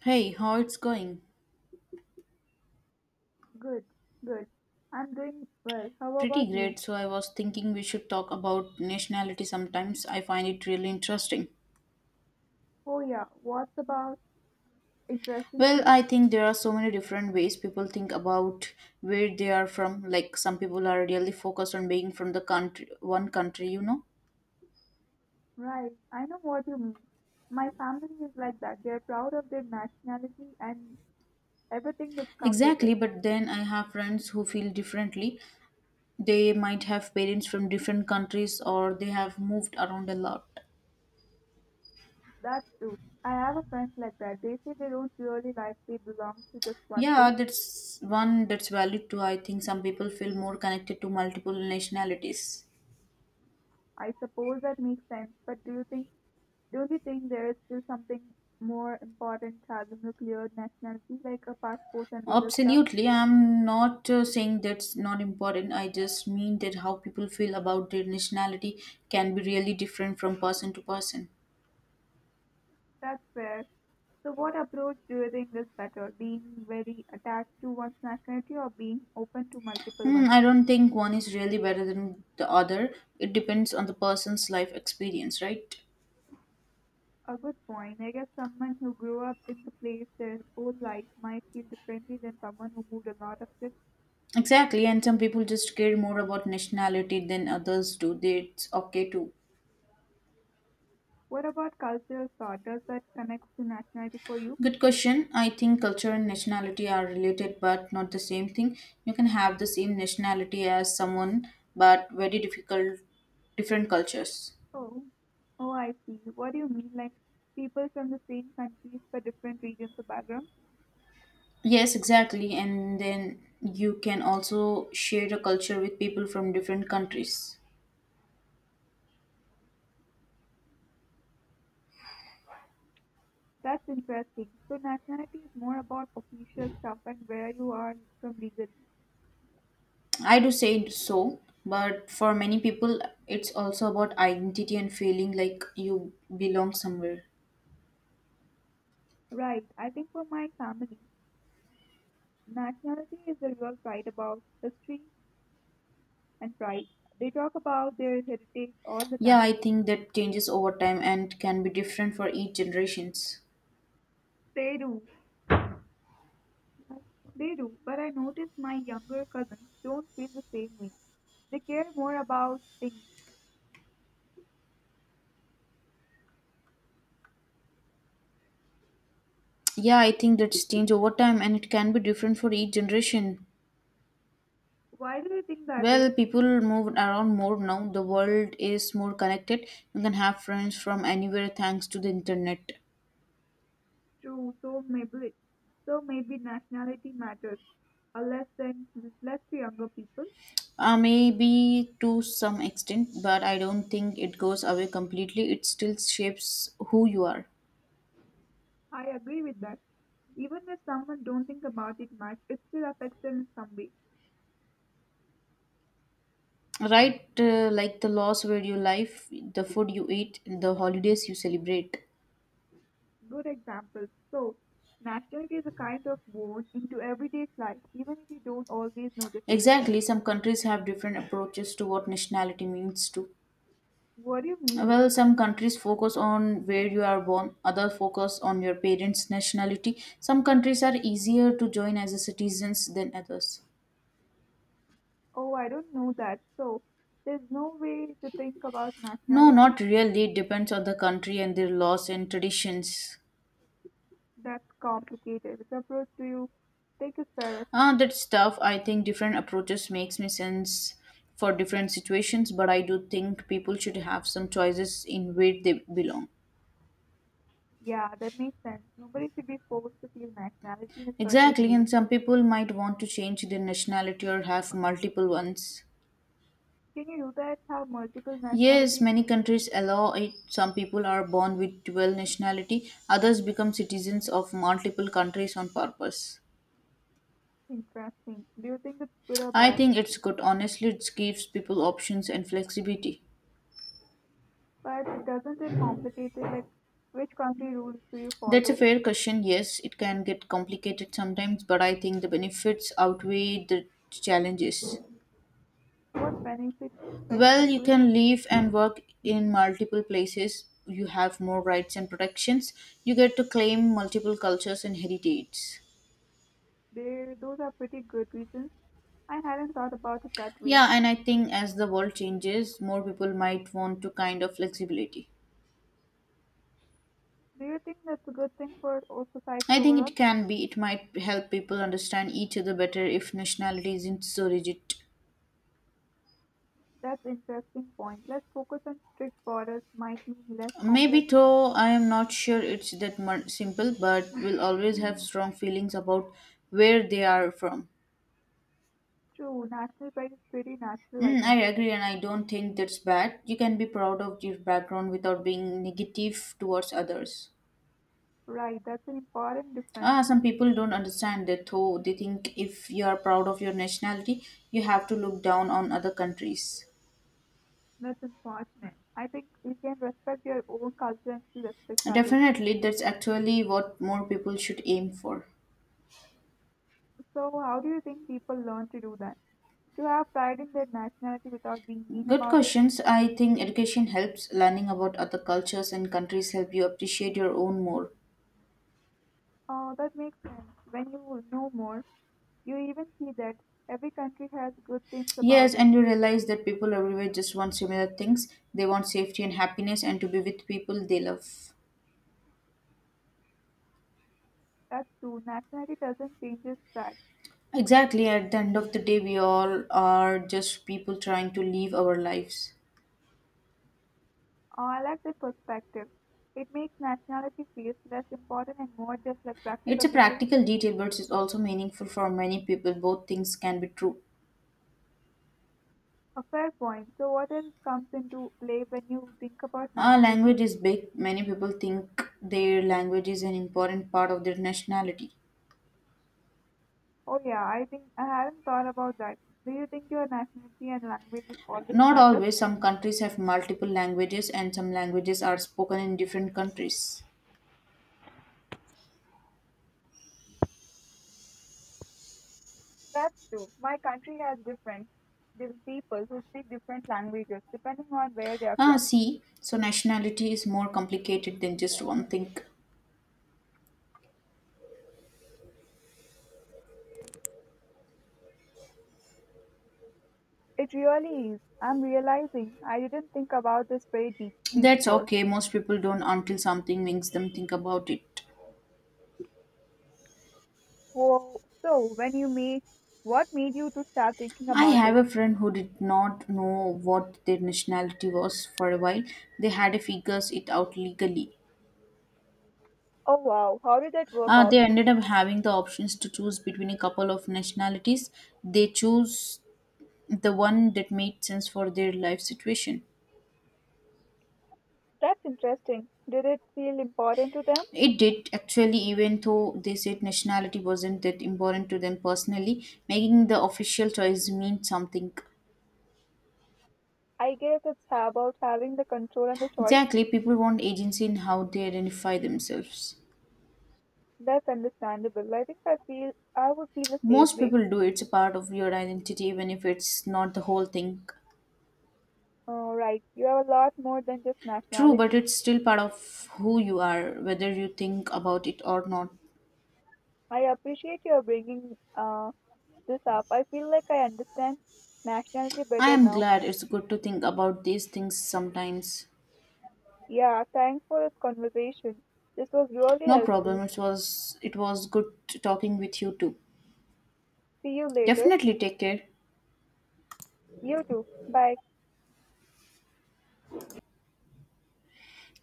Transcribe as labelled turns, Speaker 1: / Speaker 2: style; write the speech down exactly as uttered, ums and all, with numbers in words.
Speaker 1: Hey, how it's going?
Speaker 2: Good, good. I'm doing well. How
Speaker 1: Pretty
Speaker 2: about
Speaker 1: great.
Speaker 2: you?
Speaker 1: So I was thinking we should talk about nationality sometimes. I find it really interesting.
Speaker 2: Oh, yeah. What's about interesting
Speaker 1: Well,
Speaker 2: you?
Speaker 1: I think there are so many different ways people think about where they are from. Like some people are really focused on being from the country one country, you know.
Speaker 2: Right. I know what you mean. My family is like that. They're proud of their nationality and everything that comes with
Speaker 1: Exactly,
Speaker 2: it.
Speaker 1: but then I have friends who feel differently. They might have parents from different countries or they have moved around a lot.
Speaker 2: That's true. I have a friend like that. They say they don't really like they belong to just one place.
Speaker 1: Yeah, that's one that's valid too. I think some people feel more connected to multiple nationalities.
Speaker 2: I suppose that makes sense. But do you think, don't you think there is still something more important having a clear nationality like a passport and legal stuff?
Speaker 1: Absolutely. I'm not uh, saying that's not important. I just mean that how people feel about their nationality can be really different from person to person.
Speaker 2: That's fair. So, what approach do you think is better? Being very attached to one nationality or being open to multiple
Speaker 1: Hmm,
Speaker 2: ones?
Speaker 1: I don't think one is really better than the other. It depends on the person's life experience, right?
Speaker 2: A good point. I guess someone who grew up in the place their whole life might feel differently than someone who moved a lot of shifts.
Speaker 1: Exactly. And some people just care more about nationality than others do. That's okay too.
Speaker 2: What about cultural thought? Does that connect to nationality for you?
Speaker 1: Good question. I think culture and nationality are related but not the same thing. You can have the same nationality as someone but very difficult different cultures.
Speaker 2: Oh, Oh, I see. What do you mean? Like people from the same countries but different regions of background?
Speaker 1: Yes, exactly. And then you can also share a culture with people from different countries.
Speaker 2: That's interesting. So nationality is more about official stuff and where you are from legally.
Speaker 1: I do say so, but for many people it's also about identity and feeling like you belong somewhere.
Speaker 2: Right, I think for my family, nationality is the real pride about history and pride. They talk about their heritage all the
Speaker 1: Yeah,
Speaker 2: time.
Speaker 1: I think that changes over time and can be different for each generations.
Speaker 2: They do. They do, but I notice my younger cousins don't feel the same way. They care more about things.
Speaker 1: Yeah, I think that's changed over time and it can be different for each generation.
Speaker 2: Why do you think that
Speaker 1: Well,
Speaker 2: is
Speaker 1: people move around more now. The world is more connected. You can have friends from anywhere thanks to the internet.
Speaker 2: true? So maybe, so maybe nationality matters, a less than less to younger people.
Speaker 1: Uh, maybe to some extent, but I don't think it goes away completely. It still shapes who you are.
Speaker 2: I agree with that. Even if someone don't think about it much, it still affects them in some way.
Speaker 1: Right? Uh, like the laws where you live, the food you eat, the holidays you celebrate.
Speaker 2: Good example. So, nationality is a kind of worn into everyday life, even if you don't always notice it.
Speaker 1: Exactly. Some countries have different approaches to what nationality means to.
Speaker 2: What do you mean?
Speaker 1: Well, some countries focus on where you are born, others focus on your parents' nationality. Some countries are easier to join as a citizens than others.
Speaker 2: Oh, I don't know that. So, there's no way to think about
Speaker 1: No, not
Speaker 2: nationality.
Speaker 1: really. It depends on the country and their laws and traditions.
Speaker 2: That's complicated. Which approach do you take is fairest?
Speaker 1: Ah, that's tough. I think different approaches makes me sense for different situations, but I do think people should have some choices in where they belong.
Speaker 2: Yeah, that makes sense. Nobody should be forced to feel nationality in a certain
Speaker 1: Exactly, and
Speaker 2: way.
Speaker 1: some people might want to change their nationality or have multiple ones.
Speaker 2: Can you do that? Have multiple
Speaker 1: Yes,
Speaker 2: nationalities?
Speaker 1: many countries allow it. Some people are born with dual nationality, others become citizens of multiple countries on purpose.
Speaker 2: Interesting. Do you think it's good or
Speaker 1: I
Speaker 2: bad?
Speaker 1: think it's good. Honestly, it gives people options and flexibility.
Speaker 2: But doesn't it complicate it? Like, which country rules do you
Speaker 1: That's a
Speaker 2: follow?
Speaker 1: fair question. Yes, it can get complicated sometimes, but I think the benefits outweigh the challenges.
Speaker 2: What benefits
Speaker 1: Well, you
Speaker 2: specifically?
Speaker 1: can live and work in multiple places. You have more rights and protections. You get to claim multiple cultures and heritage.
Speaker 2: There, those are pretty good reasons. I hadn't thought about it that way.
Speaker 1: Yeah, and I think as the world changes, more people might want to kind of flexibility.
Speaker 2: Do you think that's a good thing for o- society
Speaker 1: I think it
Speaker 2: overall?
Speaker 1: can be, it might help people understand each other better if nationality isn't so rigid.
Speaker 2: That's interesting point. Less focus on strict borders might mean less
Speaker 1: Maybe
Speaker 2: complex.
Speaker 1: though, I am not sure it's that much simple, but will always have strong feelings about where they are from.
Speaker 2: True, national pride is pretty natural, I
Speaker 1: Mm, I
Speaker 2: think.
Speaker 1: agree, and I don't think that's bad. You can be proud of your background without being negative towards others.
Speaker 2: Right, that's an important difference.
Speaker 1: Ah, some people don't understand that though. They think if you are proud of your nationality, you have to look down on other countries.
Speaker 2: That's unfortunate. I think you can respect your own culture and still respect others.
Speaker 1: Definitely, that's actually what more people should aim for.
Speaker 2: So, how do you think people learn to do that? To have pride in their nationality without being mean
Speaker 1: Good
Speaker 2: about it?
Speaker 1: questions. I think education helps. Learning about other cultures and countries help you appreciate your own more.
Speaker 2: Oh, that makes sense. When you know more, you even see that every country has good things
Speaker 1: Yes,
Speaker 2: about it.
Speaker 1: and you realize that people everywhere just want similar things. They want safety and happiness and to be with people they love.
Speaker 2: That's true. Nationality doesn't change that.
Speaker 1: Exactly, at the end of the day, we all are just people trying to live our lives.
Speaker 2: Oh, I like that perspective. It makes nationality feel less important and more just like
Speaker 1: It's
Speaker 2: practical
Speaker 1: a
Speaker 2: details.
Speaker 1: practical detail, but it's also meaningful for many people. Both things can be true.
Speaker 2: A fair point. So, what else comes into play when you think about
Speaker 1: Our
Speaker 2: nationality?
Speaker 1: language is big. Many people think their language is an important part of their nationality.
Speaker 2: Oh, yeah, I think I haven't thought about that. Do you think your nationality and language will always
Speaker 1: Not
Speaker 2: matter?
Speaker 1: always. Some countries have multiple languages, and some languages are spoken in different countries.
Speaker 2: That's true. My country has different different people who speak different languages depending on where they are
Speaker 1: Ah,
Speaker 2: from.
Speaker 1: see, so nationality is more complicated than just one thing.
Speaker 2: It really is. I'm realizing I didn't think about this very deeply
Speaker 1: That's
Speaker 2: before.
Speaker 1: okay. Most people don't until something makes them think about it.
Speaker 2: Whoa. So, when you made, what made you to start thinking
Speaker 1: I
Speaker 2: about
Speaker 1: have
Speaker 2: it?
Speaker 1: a friend who did not know what their nationality was for a while. They had to figure it out legally.
Speaker 2: Oh wow, how did that work
Speaker 1: Uh,
Speaker 2: out?
Speaker 1: they ended up having the options to choose between a couple of nationalities. They chose the one that made sense for their life situation.
Speaker 2: That's interesting. Did it feel important to them?
Speaker 1: It did actually, even though they said nationality wasn't that important to them personally, making the official choice mean something.
Speaker 2: I guess it's about having the control and the choice.
Speaker 1: Exactly, people want agency in how they identify themselves.
Speaker 2: That's understandable. I think I feel I would feel the same
Speaker 1: Most
Speaker 2: way.
Speaker 1: people do. It's a part of your identity, even if it's not the whole thing.
Speaker 2: Oh, right. You have a lot more than just
Speaker 1: True, but
Speaker 2: nationality.
Speaker 1: it's still part of who you are, whether you think about it or not.
Speaker 2: I appreciate your bringing uh, this up. I feel like I understand nationality
Speaker 1: I
Speaker 2: better
Speaker 1: am
Speaker 2: now.
Speaker 1: glad it's good to think about these things sometimes.
Speaker 2: Yeah, thanks for this conversation. This was really
Speaker 1: No problem.
Speaker 2: helpful.
Speaker 1: It was it was good talking with you too.
Speaker 2: See you later.
Speaker 1: Definitely take care.
Speaker 2: You too. Bye.